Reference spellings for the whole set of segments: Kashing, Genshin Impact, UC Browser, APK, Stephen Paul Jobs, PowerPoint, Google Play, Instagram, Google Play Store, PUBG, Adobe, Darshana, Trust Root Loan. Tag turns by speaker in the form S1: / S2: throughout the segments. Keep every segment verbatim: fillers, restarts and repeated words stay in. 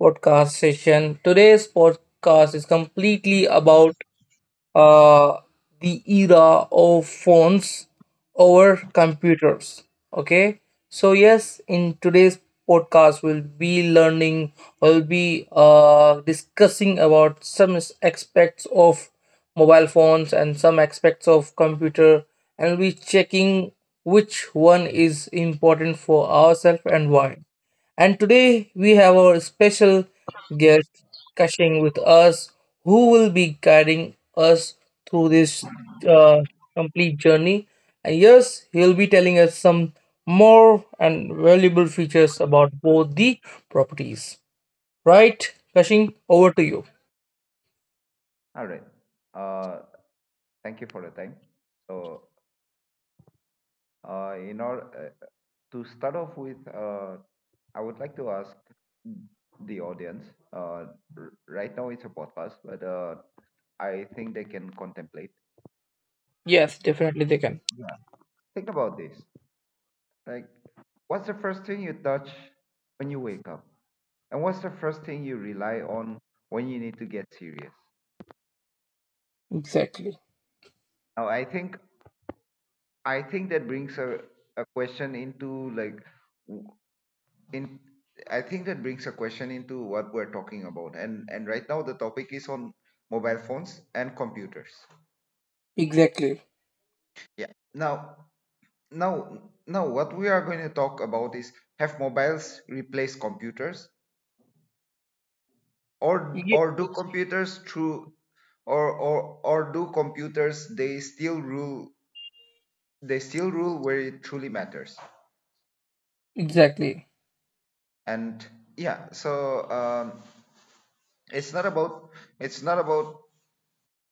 S1: Podcast session. Today's podcast is completely about uh, the era of phones over computers. Okay, so yes, in today's podcast, we'll be learning, we'll be uh, discussing about some s- aspects of mobile phones and some aspects of computer, and we'll be checking which one is important for ourselves and why. And today we have our special guest Kashing with us, who will be guiding us through this uh, complete journey. And yes, he'll be telling us some more and valuable features about both the properties. Right, Kashing, over to you.
S2: All right. Uh, thank you for the time. So, uh, in order uh, to start off with, uh, I would like to ask the audience. Uh, r- right now, it's a podcast, but uh, I think they can contemplate.
S1: Yes, definitely they can.
S2: Yeah. Think about this. Like, what's the first thing you touch when you wake up, and what's the first thing you rely on when you need to get serious?
S1: Exactly.
S2: Now, I think I think that brings a, a question into like. In I think that brings a question into what we're talking about, and and right now the topic is on mobile phones and computers.
S1: Exactly.
S2: Yeah. Now now now what we are going to talk about is, have mobiles replaced computers, or
S1: Ye-
S2: or do computers through, or or or do computers, they still rule? They still rule where it truly matters.
S1: exactly.
S2: And yeah, so um, it's not about it's not about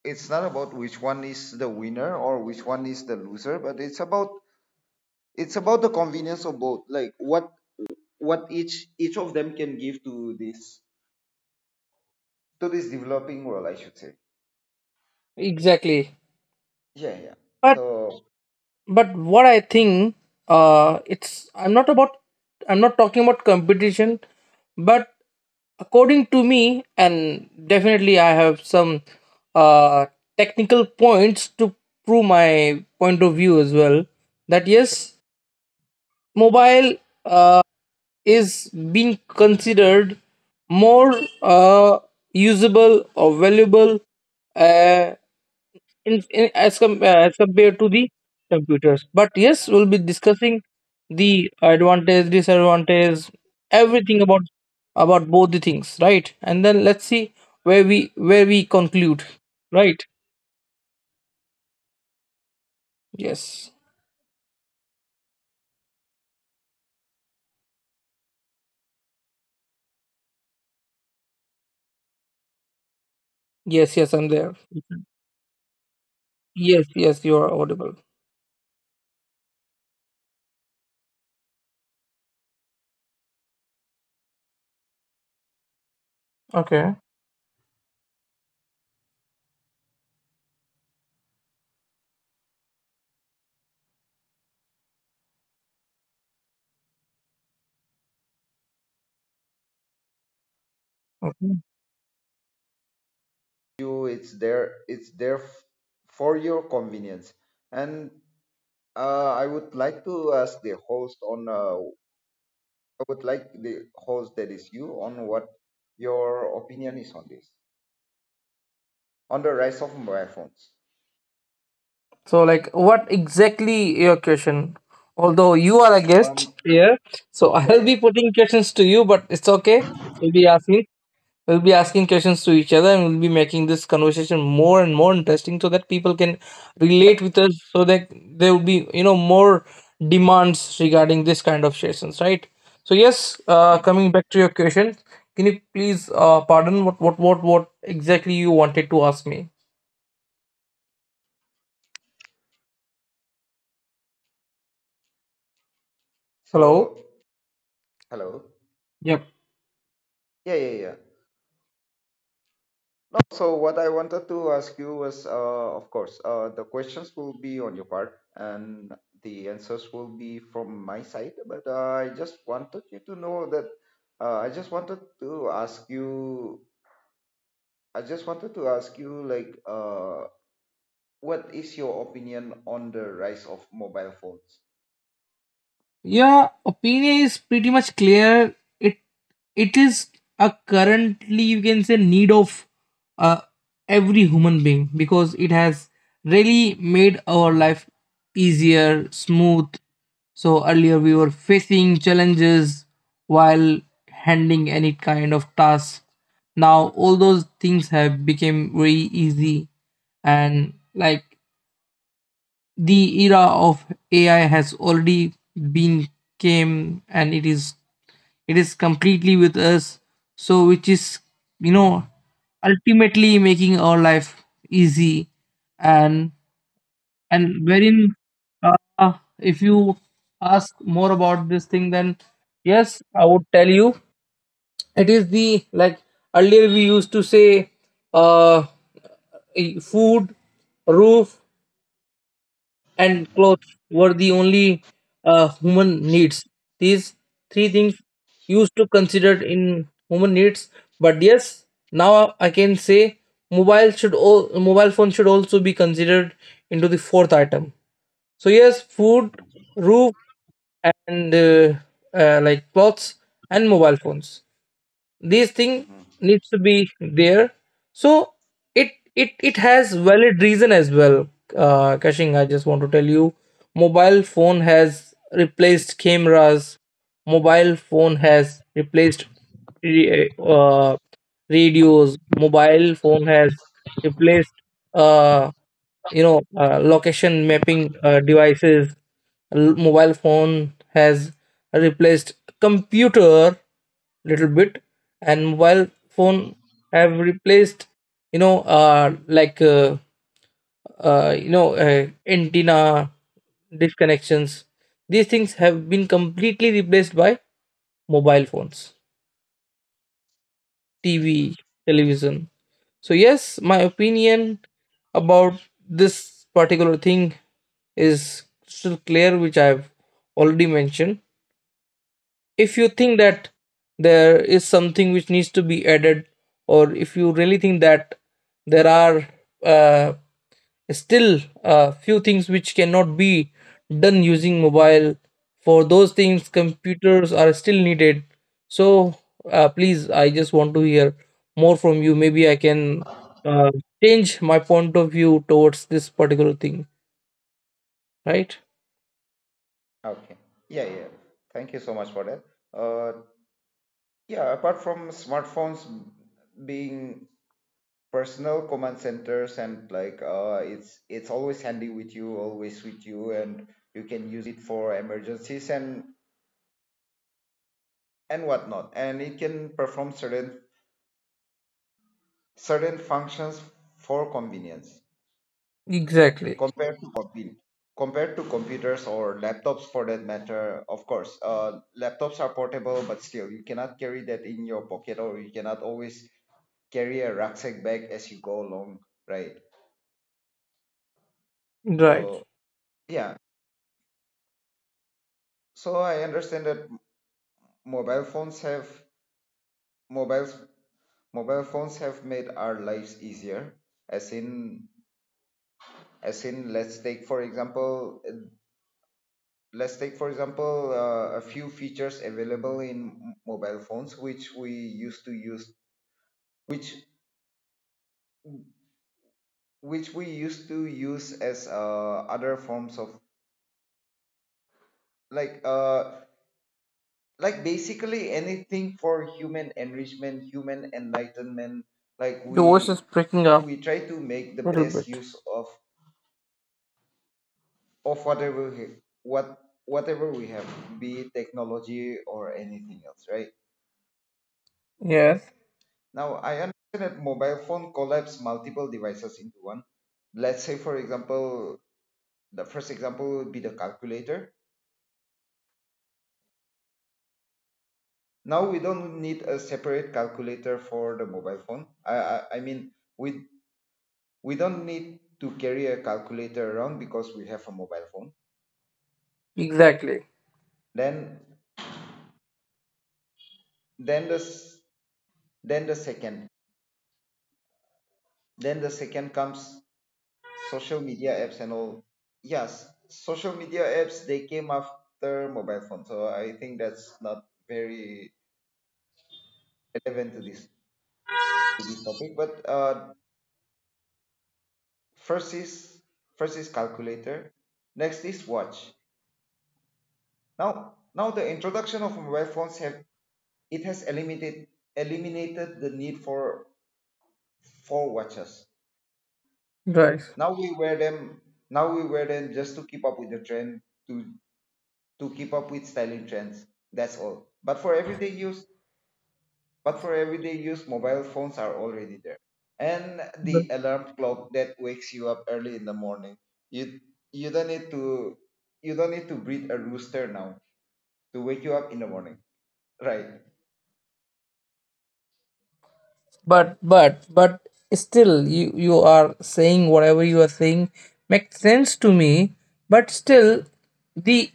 S2: it's not about which one is the winner or which one is the loser, but it's about it's about the convenience of both. Like what what each each of them can give to this to this developing world, I should say.
S1: Exactly.
S2: Yeah, yeah.
S1: But
S2: So
S1: but what I think, uh it's, I'm not about, I'm not talking about competition, but according to me, and definitely I have some uh technical points to prove my point of view as well, that yes, mobile uh, is being considered more uh usable or valuable uh, in, in as, com- uh, as compared to the computers. But yes, we'll be discussing the advantage, disadvantage, everything about about both the things, right? And then let's see where we where we conclude, right? Yes, yes, yes, I'm there. Yes, yes, you are audible. Okay. Okay.
S2: you, it's there it's there f- for your convenience. And uh, I would like to ask the host on uh, I would like the host, that is you, on what your opinion is on this, on the rise of mobile phones.
S1: So, like, what exactly your question? Although you are a guest
S2: um
S1: here, so I'll
S2: yeah,
S1: be putting questions to you, but it's okay. You'll be asking We'll be asking questions to each other and we'll be making this conversation more and more interesting so that people can
S2: yeah.
S1: relate with us so that there will be, you know, more demands regarding this kind of sessions, right? So yes, uh, coming back to your question, can you please uh, pardon what, what what what exactly you wanted to ask me? Hello?
S2: So hello.
S1: Yep.
S2: Yeah yeah yeah So what I wanted to ask you was, uh, of course, uh, the questions will be on your part and the answers will be from my side. But uh, I just wanted you to know that uh, I just wanted to ask you. I just wanted to ask you, like, uh, what is your opinion on the rise of mobile phones?
S1: Yeah, opinion is pretty much clear. It it is a, currently you can say, need of uh, every human being because it has really made our life easier, smooth. So earlier we were facing challenges while handling any kind of task. Now all those things have become very easy, and like the era of A I has already been came, and it is it is completely with us, so which is, you know, ultimately making our life easy, and and wherein uh, if you ask more about this thing, then yes, I would tell you it is the, like earlier we used to say uh e- food, roof and clothes were the only uh, human needs. These three things used to considered in human needs. But yes, now I can say mobile should, all mobile phone should also be considered into the fourth item. So yes, food, roof, and uh, uh, like clothes and mobile phones, these thing
S2: Mm-hmm.
S1: needs to be there. So it it it has valid reason as well. Uh, Kashing, I just want to tell you mobile phone has replaced cameras, mobile phone has replaced re- uh, radios, mobile phone has replaced, uh you know uh, location mapping uh, devices. L- mobile phone has replaced computer little bit, and mobile phone have replaced, you know, uh like uh, uh you know uh, antenna disconnections. These things have been completely replaced by mobile phones, TV, television. So yes, my opinion about this particular thing is still clear, which I've already mentioned. If you think that there is something which needs to be added, or if you really think that there are uh, still a few things which cannot be done using mobile, for those things computers are still needed. So uh, please, I just want to hear more from you. Maybe I can uh, change my point of view towards this particular thing, right?
S2: Okay. Yeah, yeah. Thank you so much for that. Uh, yeah, apart from smartphones being personal command centers and like uh, it's it's always handy with you, always with you, and you can use it for emergencies and and whatnot. And it can perform certain certain functions for convenience.
S1: Exactly.
S2: compared to compute compared to computers or laptops, for that matter. Of course, uh, laptops are portable, but still you cannot carry that in your pocket, or you cannot always carry a rucksack bag as you go along, right?
S1: Right.
S2: So yeah, so I understand that mobile phones have mobiles mobile phones have made our lives easier. As in as in let's take for example let's take for example uh, a few features available in m- mobile phones which we used to use, which which we used to use as uh, other forms of like uh like basically anything for human enrichment, human enlightenment. Like
S1: Your voice
S2: we
S1: is breaking up
S2: we try to make the
S1: a little
S2: best
S1: bit.
S2: use of of whatever we, what whatever we have, be it technology or anything else, right?
S1: Yes.
S2: Now, I understand that mobile phone collapse multiple devices into one. Let's say, for example, the first example would be the calculator. Now we don't need a separate calculator for the mobile phone. I, I, I mean, we we don't need to carry a calculator around because we have a mobile phone.
S1: Exactly.
S2: Then then the then the second then the second comes social media apps and all. Yes, social media apps, they came after mobile phone, so I think that's not very relevant to this to this topic. But uh first is first is calculator. Next is watch. Now now the introduction of mobile phones have it has eliminated eliminated the need for for watches.
S1: Right.
S2: Now we wear them now we wear them just to keep up with the trend, to to keep up with styling trends, that's all. But for everyday use, But for everyday use, mobile phones are already there. And the alarm clock that wakes you up early in the morning. You you don't need to you don't need to breed a rooster now to wake you up in the morning. Right.
S1: But but but still, you you are saying, whatever you are saying makes sense to me, but still, the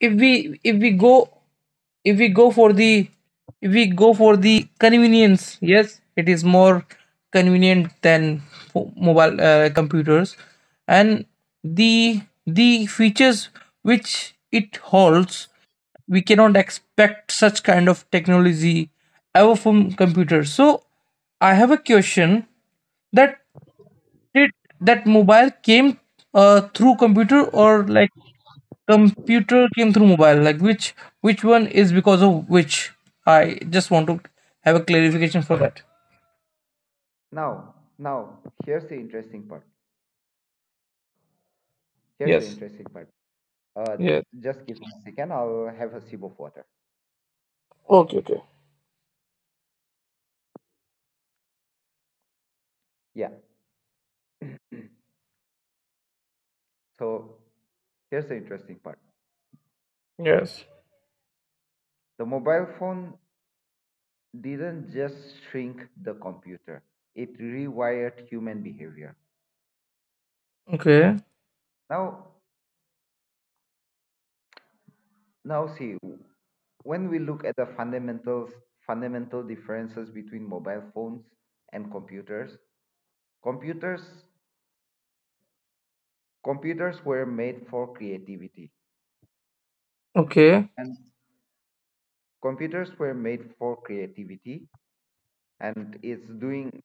S1: if we, if we go if we go for the if we go for the convenience, yes, it is more convenient than fo- mobile, uh, computers, and the the features which it holds, we cannot expect such kind of technology ever from computers. So I have a question, that did that mobile came uh, through computer, or like computer came through mobile, like which which one is because of which? I just want to have a clarification for that.
S2: Now, now, here's the interesting part. Here's the
S1: Yes.
S2: interesting part. Uh,
S1: Yes.
S2: just give me a second. I'll have a sip of water.
S1: Okay. Okay.
S2: Yeah. So here's the interesting part.
S1: Yes.
S2: The mobile phone didn't just shrink the computer. It rewired human behavior.
S1: Okay.
S2: Now, Now see, when we look at the fundamentals, fundamental differences between mobile phones and computers, computers computers were made for creativity,
S1: Okay.
S2: and computers were made for creativity, and it's doing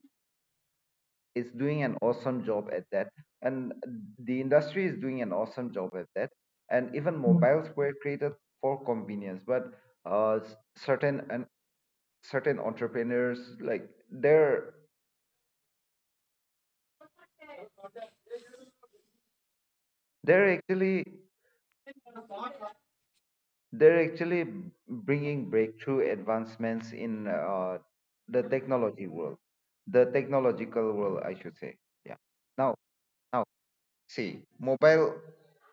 S2: it's doing an awesome job at that, and the industry is doing an awesome job at that, and even mobiles were created for convenience, but uh, s- certain and certain entrepreneurs like their. they're actually they're actually bringing breakthrough advancements in uh, the technology world, the technological world, I should say. Yeah. Now now see mobile,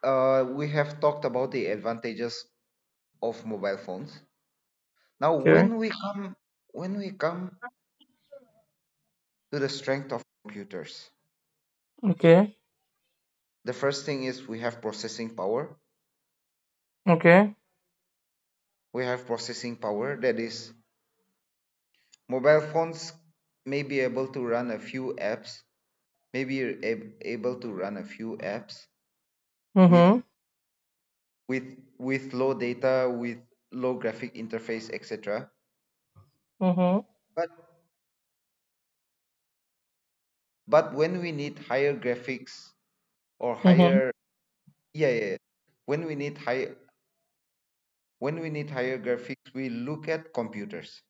S2: uh, we have talked about the advantages of mobile phones. Now
S1: Okay.
S2: when we come when we come to the strength of computers,
S1: Okay.
S2: the first thing is we have processing power.
S1: Okay.
S2: We have processing power that is, mobile phones may be able to run a few apps, maybe you're ab- able to run a few apps with
S1: Mm-hmm.
S2: with with low data, with low graphic interface, etc.
S1: Mm-hmm.
S2: But but when we need higher graphics or
S1: Mm-hmm.
S2: higher, yeah, yeah, yeah. when we need high when we need higher graphics, we look at computers.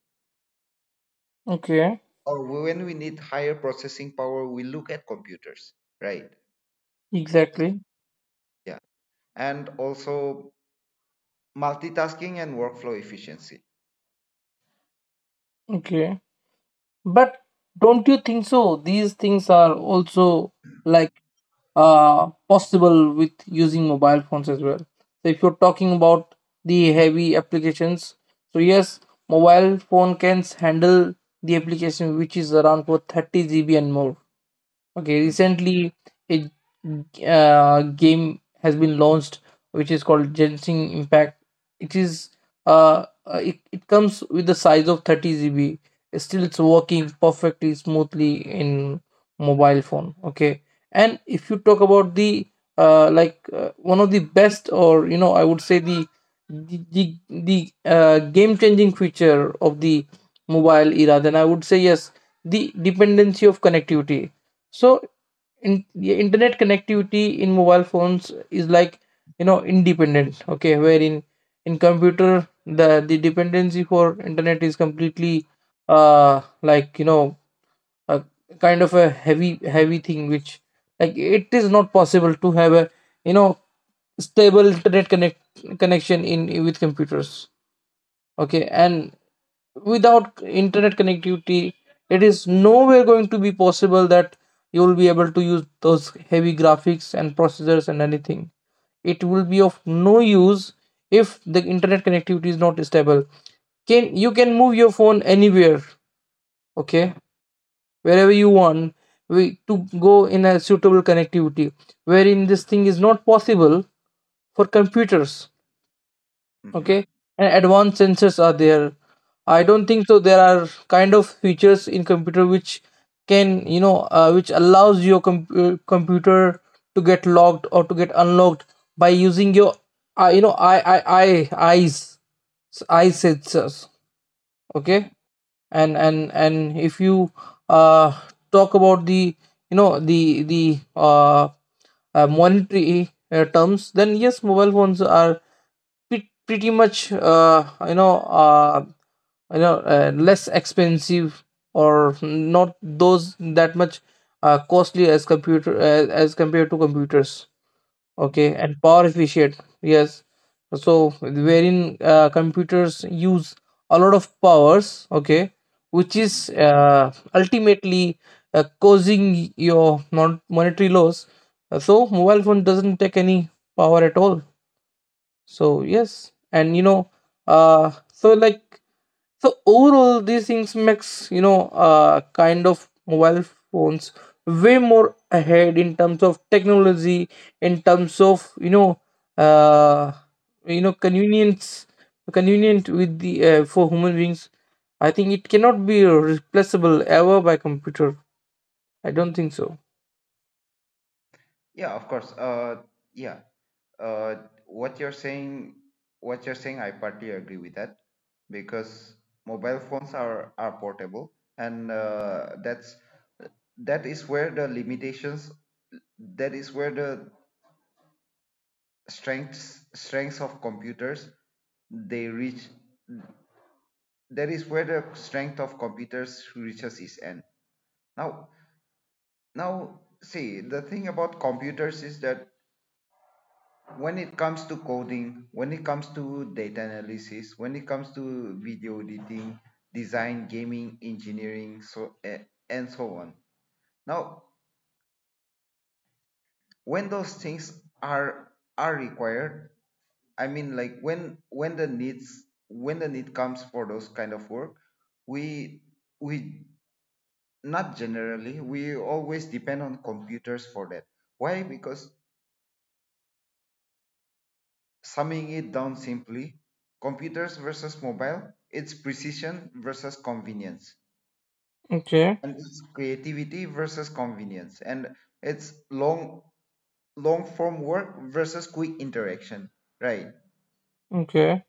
S1: Okay.
S2: Or when we need higher processing power, we look at computers, right?
S1: Exactly.
S2: Yeah. And also multitasking and workflow efficiency.
S1: Okay. But don't you think so? These things are also like uh, possible with using mobile phones as well. So if you're talking about the heavy applications, so yes, mobile phone can handle the application which is around for thirty gigabytes and more. Okay, recently a uh, game has been launched which is called Genshin Impact. It is uh, uh, it, it comes with the size of thirty gigabytes. It's, still, it's working perfectly smoothly in mobile phone. Okay, and if you talk about the uh, like uh, one of the best, or you know, I would say the the the, the uh, game changing feature of the mobile era, then I would say yes, the dependency of connectivity. So in, the internet connectivity in mobile phones is, like, you know, independent. Okay, wherein in computer the the dependency for internet is completely uh like you know a kind of a heavy heavy thing which, like, it is not possible to have a, you know, stable internet connect connection in with computers. Okay, and without internet connectivity, it is nowhere going to be possible that you will be able to use those heavy graphics and processors, and anything, it will be of no use if the internet connectivity is not stable. Can you, can move your phone anywhere, okay, wherever you want, we to go, in a suitable connectivity, wherein this thing is not possible for computers.
S2: Mm, mhm,
S1: Okay, and advanced sensors are there. I don't think so there are kind of features in computer which can you know uh, which allows your com- uh, computer to get locked or to get unlocked by using your uh, you know, I I I eyes, eyes sensors. Okay,
S2: mhm,
S1: and and and if you uh, talk about the, you know, the the uh, uh, monetary uh, terms, then yes, mobile phones are pre- pretty much uh, you know uh, you know uh, less expensive, or not those that much uh, costly as computer, uh, as compared to computers.
S2: mhm,
S1: Okay, and power efficient, yes. So wherein uh, computers use a lot of powers, okay, which
S2: mhm.
S1: is uh, ultimately uh, causing your non monetary loss. Uh, so mobile phone doesn't take any power at all. So yes, and you know, uh so like so overall these things makes, you know, uh, kind of mobile phones way more ahead in terms of technology, in terms of, you know, uh, you know convenience, convenient with the, uh, for human beings. I think it cannot be replaceable ever by computer. I don't think so.
S2: Yeah, of course. uh yeah Uh, what you're saying, what you're saying, I partly agree with that, because mobile phones are are portable, and uh, that's that is where the limitations, that is where the strengths strengths of computers they reach. That is where the strength of computers reaches its end. Now, now see, the thing about computers is that when it comes to coding, when it comes to data analysis, when it comes to video editing, design, gaming, engineering, so eh, and so on. Now, when those things are are required, I mean, like when when the needs when the need comes for those kind of work, we we not generally we always depend on computers for that. Why? Because summing it down simply, computers versus mobile, it's precision versus convenience,
S1: Okay.
S2: and it's creativity versus convenience, and it's long long form work versus quick interaction, right?
S1: Okay.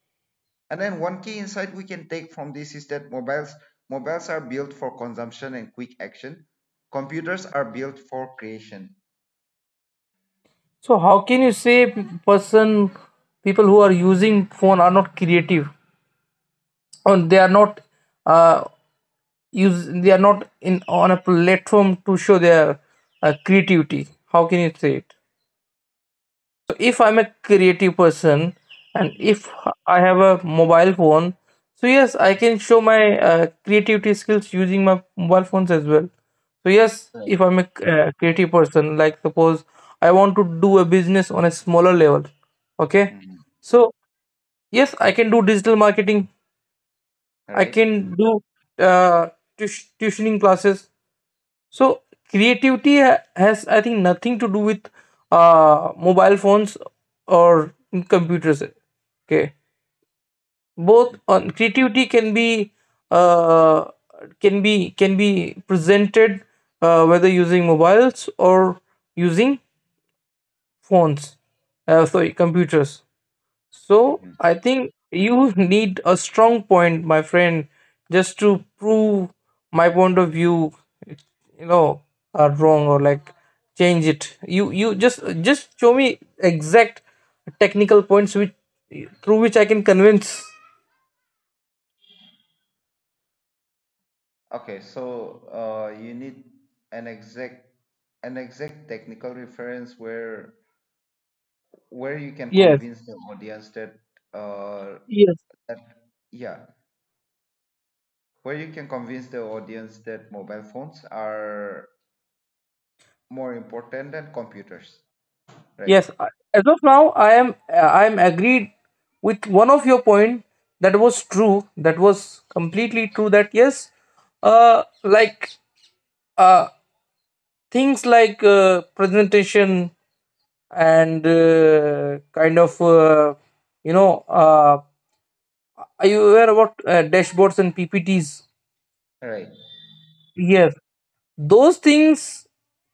S2: And then one key insight we can take from this is that mobiles mobiles are built for consumption and quick action. Computers are built for creation.
S1: So how can you say p- person, people who are using phone are not creative, or they are not, uh, use they are not in on a platform to show their uh, creativity? How can you say it? So if I'm a creative person, and
S2: Mhm,
S1: if I have a mobile phone, so yes, I
S2: mhm.
S1: can show my uh, creativity skills using my mobile phones as well. So yes,
S2: Right.
S1: if I'm a uh, creative person, like suppose I want to do a business on a smaller level. Okay,
S2: Mhm.
S1: so yes, I can do digital marketing,
S2: All
S1: I
S2: right.
S1: can do uh, tush- tuitioning classes. So creativity ha- has, I think, nothing to do with uh, mobile phones or computers. Okay, both
S2: Mhm,
S1: on creativity can be uh, can be can be presented uh, whether using mobiles or using phones. Uh, sorry, computers. So
S2: mhm.
S1: I think you need a strong point, my friend, just to prove my point of view, it- you know, are wrong, or like change it. You you Just just show me exact technical points which through which I can convince.
S2: Okay, so uh, you need an exact an exact technical reference where where you can
S1: Yes,
S2: convince the audience that uh
S1: yes,
S2: that yeah where you can convince the audience that mobile phones are more important than computers. Right.
S1: yes. I- As of now, I am I am agreed with one of your point, that was true. That was completely true. That yes, uh, like. uh, Things like uh, presentation and uh, kind of uh, you know uh, are you aware about uh, dashboards and PPTs?
S2: Right.
S1: Yes, those things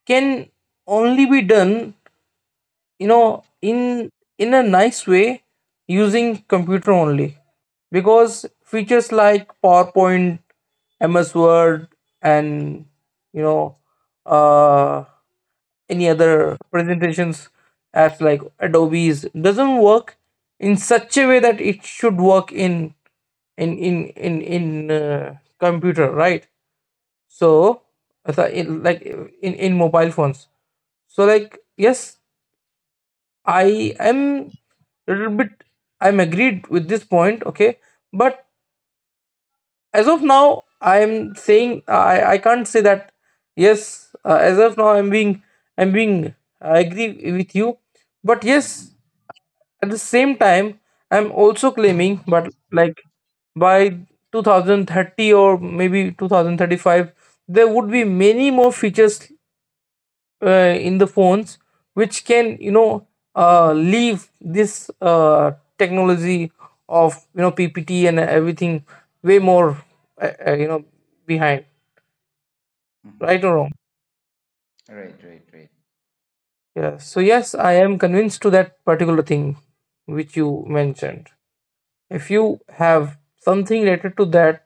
S1: can only be done, you know, in in a nice way using computer only, because features like PowerPoint, MS Word, and you know, uh any other presentations apps like Adobe's doesn't work in such a way that it should work in in in in in uh, computer, right? So as I- in, like in in mobile phones. So like, yes, I am a little bit, i'm agreed with this point. Okay, but as of now I'm saying, i i can't say that yes, uh, as of now i'm being i'm being I agree with you, but yes,
S2: Hmm,
S1: at the same time I'm also claiming, but like, by twenty thirty or maybe two thousand thirty-five there would be many more features uh, in the phones, which can you know uh, leave this uh, technology of you know PPT and everything way more uh, uh, you know behind,
S2: hmm.
S1: right or wrong?
S2: Right. Right. Right.
S1: Yeah. So yes, I am convinced to that particular thing which you mentioned. If you have something related to that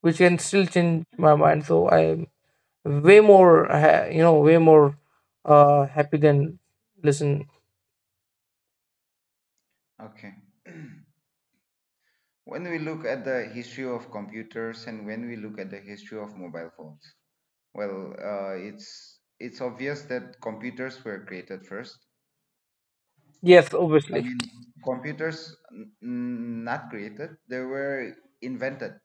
S1: which can still change my mind, so I am way more ha- you know, way more uh happy than listen.
S2: Okay. When we look at the history of computers and when we look at the history of mobile phones, well, uh, it's it's obvious that computers were created first.
S1: Yes,
S2: I
S1: obviously,
S2: mean, computers n- n- not created; they were invented,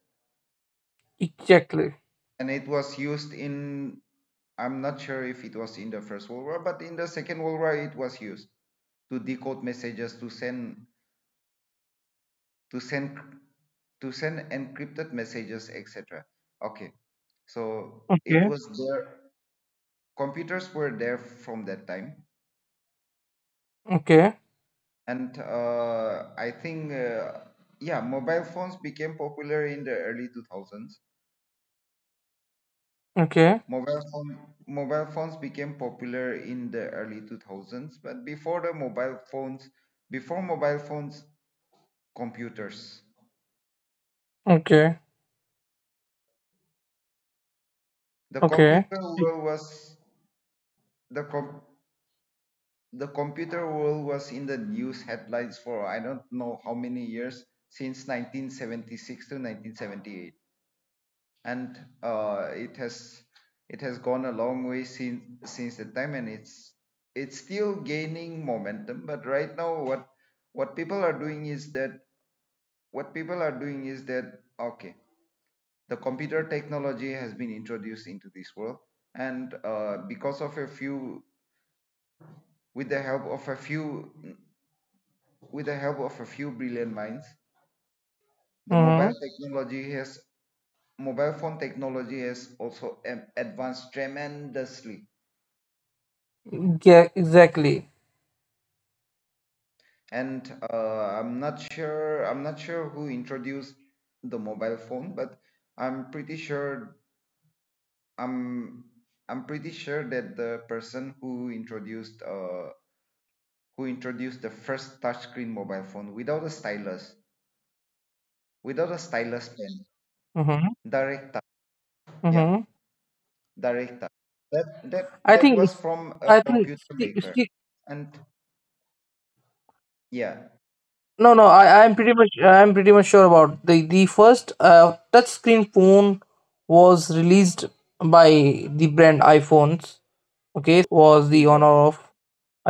S1: exactly.
S2: and it was used in. I'm not sure if it was in the First World War, but in the Second World War, it was used to decode messages, to send, to send, to send encrypted messages, et cetera. Okay, so it
S1: Okay,
S2: was there. Computers were there from that time.
S1: okay,
S2: And uh, I think, uh, yeah, mobile phones became popular in the early two thousands.
S1: okay,
S2: Mobile phone, mobile phones became popular in the early two thousands, But before the mobile phones, before mobile phones, computers.
S1: okay,
S2: The
S1: okay.
S2: computer world was the com- the computer world was in the news headlines for I don't know how many years since nineteen seventy-six to nineteen seventy-eight. And uh, it has it has gone a long way since since that time, and it's it's still gaining momentum. But right now, what what people are doing is that, what people are doing is that okay, the computer technology has been introduced into this world, and uh, because of a few with the help of a few, with the help of a few brilliant minds, the mobile
S1: Mm-hmm.
S2: technology has, mobile phone technology has also um, advanced tremendously.
S1: Yeah, exactly.
S2: And uh, i'm not sure i'm not sure who introduced the mobile phone, but i'm pretty sure i'm i'm pretty sure that the person who introduced uh, who introduced the first touchscreen mobile phone without a stylus, without a stylus pen,
S1: Mm-hmm.
S2: direct touch, yeah
S1: Mm-hmm.
S2: direct touch that that
S1: I
S2: that
S1: think
S2: was
S1: it's-
S2: from a
S1: I think,
S2: computer
S1: see,
S2: maker.
S1: see,
S2: And yeah,
S1: no, no, I I'm pretty much I'm pretty much sure about the the first uh touchscreen phone was released by the brand iPhones. Okay, was the
S2: Steve
S1: owner
S2: Jobs.
S1: of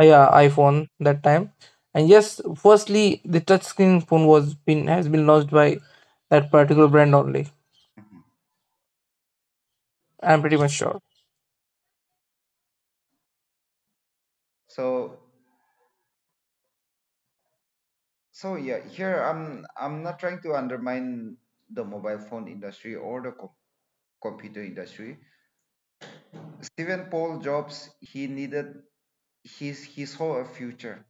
S1: uh, yeah, iPhone that time, and yes, firstly the touchscreen phone was been has been launched by that particular brand only. I'm pretty much sure.
S2: so So yeah, here I'm I'm not trying to undermine the mobile phone industry or the co- computer industry. Stephen Paul Jobs, he needed his he saw a future.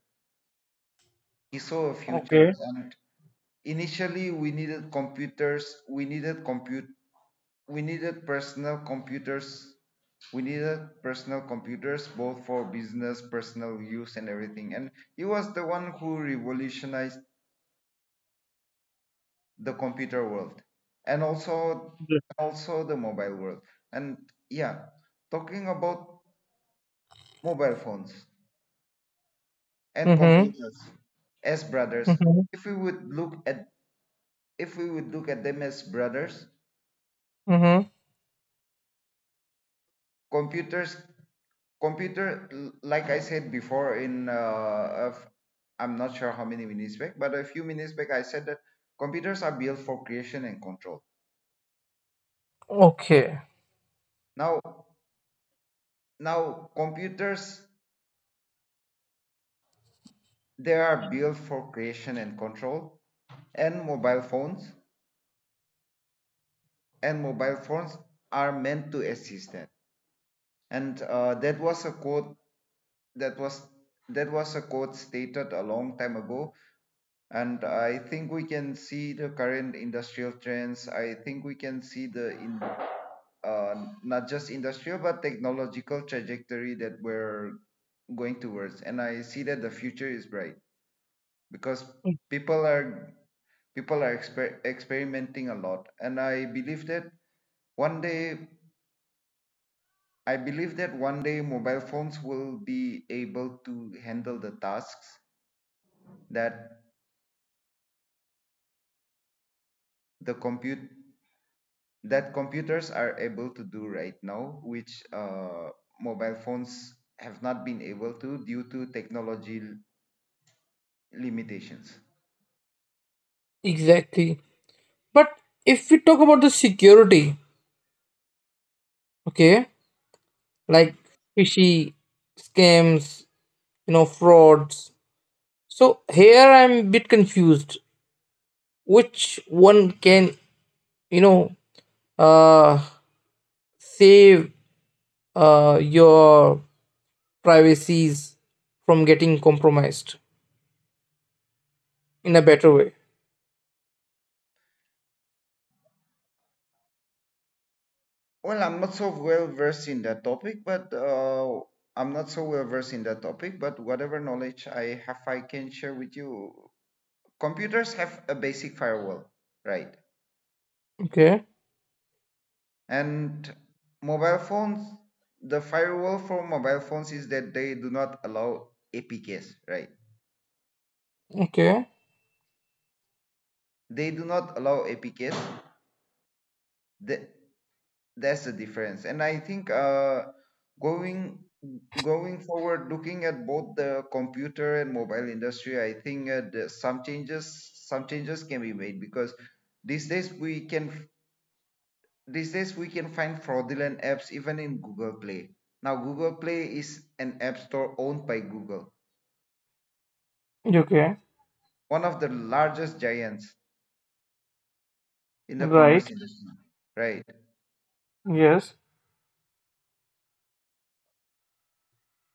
S2: He saw a future
S1: Okay.
S2: and Initially we needed computers, we needed compute we needed personal computers. We needed personal computers both for business, personal use, and everything. And he was the one who revolutionized the computer world and also also the mobile world. And yeah, talking about mobile phones and
S1: Mm-hmm.
S2: computers as brothers,
S1: Mm-hmm.
S2: if we would look at if we would look at them as brothers,
S1: Mm-hmm.
S2: computers computer, like I said before, in uh, of- I'm not sure how many minutes back, but a few minutes back, I said that computers are built for creation and control.
S1: Okay.
S2: Now now computers They are built for creation and control, and mobile phones and mobile phones are meant to assist that. And uh, That was a quote, that was that was a quote stated a long time ago. And I think we can see the current industrial trends. I think we can see the, in uh, not just industrial but technological trajectory that we're going towards. And I see that the future is bright because people are people are exper- experimenting a lot. And I believe that one day, I believe that one day mobile phones will be able to handle the tasks that the compute that computers are able to do right now, which uh, mobile phones have not been able to due to technology l- limitations.
S1: Exactly. But if we talk about the security, okay,
S2: Mhm.
S1: like fishy scams, you know, frauds. So here I'm a bit confused. Which one can, you know, uh, save uh, your privacies from getting compromised in a better way?
S2: well I'm not so well versed in that topic but uh, I'm not so well versed in that topic, but whatever knowledge I have, I can share with you. Computers have a basic firewall, right?
S1: Okay.
S2: And mobile phones, the firewall for mobile phones is that they do not allow A P Ks, right?
S1: Okay.
S2: They do not allow A P Ks. Th- that's the difference. And I think uh, going going forward, looking at both the computer and mobile industry, I think uh, the, some changes, some changes can be made, because these days we can these days we can find fraudulent apps even in Google Play. Now, Google Play is an app store owned by Google,
S1: Okay.
S2: one of the largest giants in the commerce
S1: Right.
S2: industry. Right.
S1: Yes.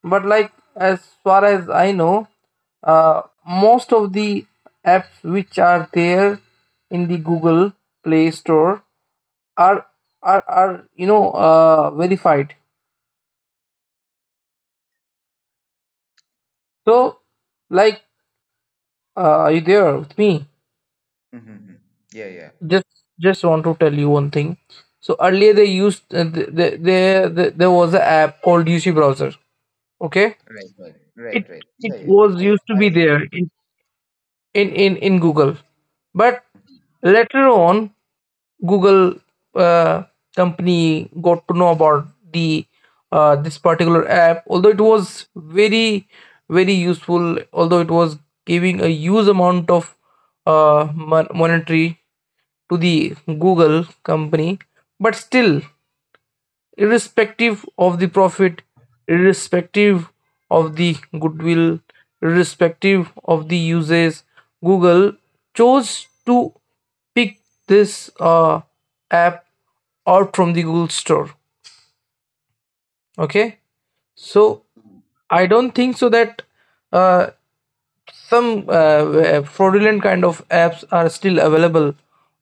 S1: But like, as far as I know, uh, most of the apps which are there in the Google Play Store are are are you know uh, verified. So like, uh, are you there with me?
S2: Mm-hmm. Mm-hmm. Yeah, yeah.
S1: Just just want to tell you one thing. So earlier they used uh, th- th- there th- there was an app called U C Browser. Okay,
S2: Right, right,
S1: it
S2: right, right. Yeah,
S1: it
S2: yeah.
S1: was
S2: I,
S1: used to
S2: I.
S1: be there in in in Google. But later on, Google uh, company got to know about the uh, this particular app. Although it was very very useful, although it was giving a huge amount of uh, mon- monetary to the Google company, but still, irrespective of the profit, irrespective of the goodwill, irrespective of the uses, Google chose to pick this uh, app out from the Google Store. Okay, so
S2: Mhm.
S1: I don't think so that uh, some uh, uh, fraudulent kind of apps are still available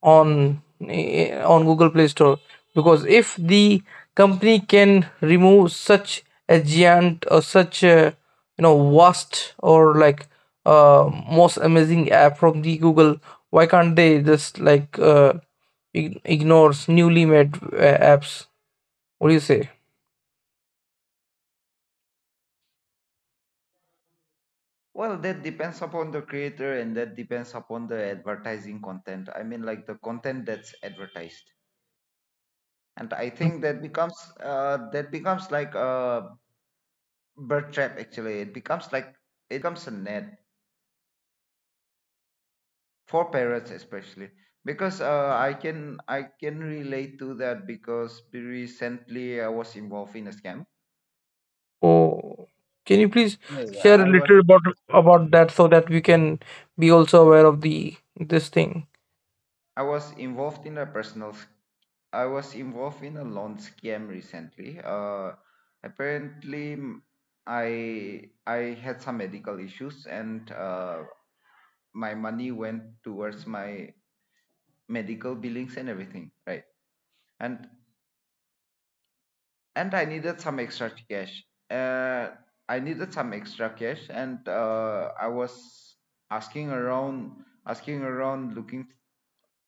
S1: on eh, on Google Play Store, because if the company can remove such a giant or such a you know vast or like uh, most amazing app from the Google, why can't they just like uh, ig- ignores newly made uh, apps? What do you say?
S2: Well, that depends upon the creator and that depends upon the advertising content. I mean, like the content that's advertised. And I think that becomes uh, that becomes like a bird trap. Actually, it becomes like, it becomes a net for parents especially, because uh, i can I can relate to that because recently I was involved in a scam.
S1: Oh, can you please
S2: Yeah, yeah,
S1: share a
S2: i was
S1: little about about that, so that we can be also aware of the this thing?
S2: I was involved in a personal s- I was involved in a loan scam recently. Uh, apparently, m- i I had some medical issues and uh, my money went towards my medical billings and everything, right? And and I needed some extra cash. Uh, I needed some extra cash, and uh, I was asking around, asking around, looking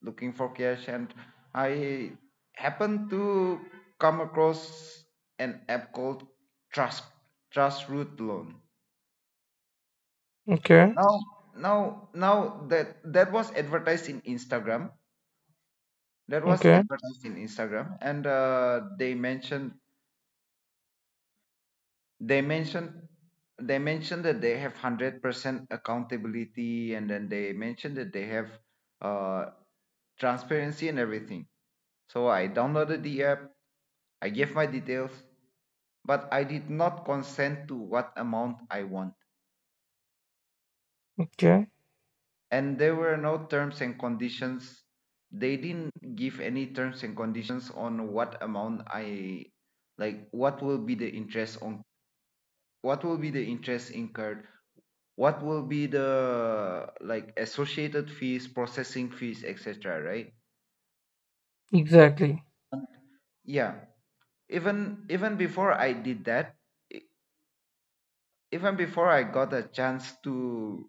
S2: looking for cash, and I happened to come across an app called Trust Trust Root Loan.
S1: Okay,
S2: Now, now, Now that, that was advertised in Instagram. That was
S1: okay,
S2: advertised in Instagram, and uh, they mentioned they mentioned they mentioned that they have one hundred percent accountability. And then they mentioned that they have uh, transparency and everything. So I downloaded the app, I gave my details, but I did not consent to what amount I want,
S1: okay.
S2: and there were no terms and conditions. They didn't give any terms and conditions on what amount I, like what will be the interest, on what will be the interest incurred, what will be the, like, associated fees, processing fees, etc., right?
S1: Exactly,
S2: Yeah, even even before i did that e- even before I got a chance to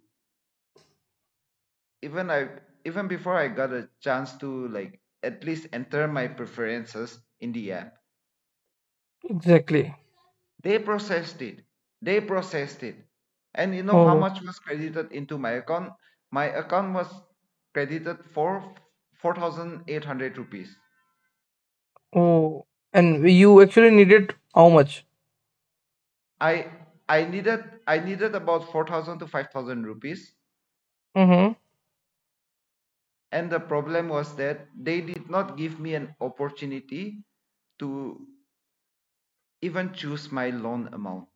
S2: even, I even before I got a chance to like at least enter my preferences in the app,
S1: exactly.
S2: they processed it. they processed it and you know how
S1: Oh,
S2: much was credited into my account? My account was credited for four thousand eight hundred rupees.
S1: oh, and you actually needed how much?
S2: I I needed, I needed about four thousand to five thousand rupees,
S1: Mm-hmm.
S2: and the problem was that they did not give me an opportunity to even choose my loan amount.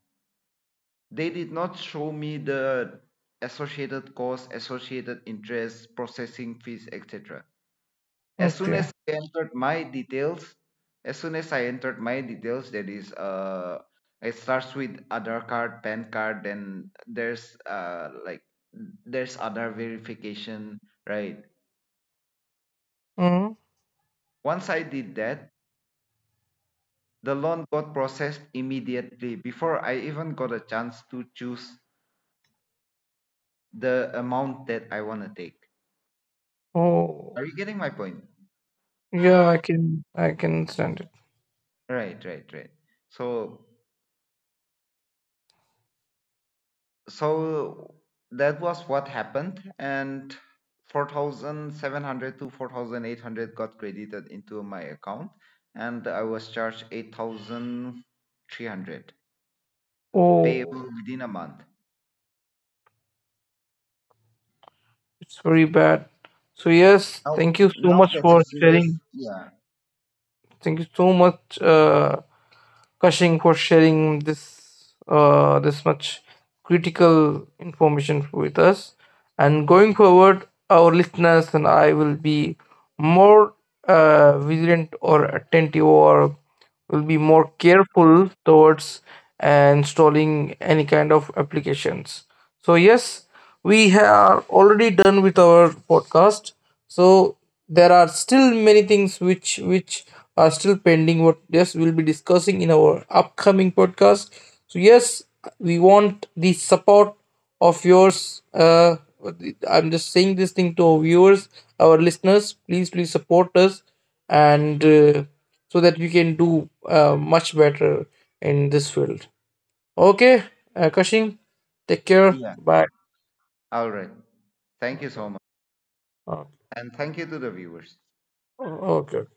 S2: They did not show me the associated costs, associated interest, processing fees, et cetera As soon
S1: Okay.
S2: as I entered my details, as soon as I entered my details, that is, uh, it starts with other card, P A N card, then there's uh, like there's other verification, right?
S1: Mm-hmm.
S2: Once I did that, the loan got processed immediately before I even got a chance to choose the amount that I want to take. Are
S1: Oh,
S2: you getting my point?
S1: yeah. I can I can understand it.
S2: Right, right, right. So so that was what happened, and four thousand seven hundred to four thousand eight hundred got credited into my account, and I was charged eight thousand three hundred payable
S1: Oh,
S2: within a month.
S1: it's very bad. So yes,
S2: now
S1: thank you so
S2: now
S1: much
S2: that's a
S1: for
S2: serious,
S1: sharing.
S2: yeah.
S1: Thank you so much, Uh, Cushing, for sharing this uh, this much critical information with us. And going forward, our listeners and I will be more uh, vigilant or attentive, or will be more careful towards uh, installing any kind of applications. So yes, we ha- are already done with our podcast, so there are still many things which which are still pending, what, yes, we'll be discussing in our upcoming podcast. So yes, we want the support of yours. uh I'm just saying this thing to our viewers, our listeners, please, please support us, and uh, so that we can do uh, much better in this field. Okay, uh, Kashing, take care,
S2: Yeah,
S1: bye.
S2: all right, thank you so much,
S1: Uh,
S2: and thank you to the viewers.
S1: Oh, Okay.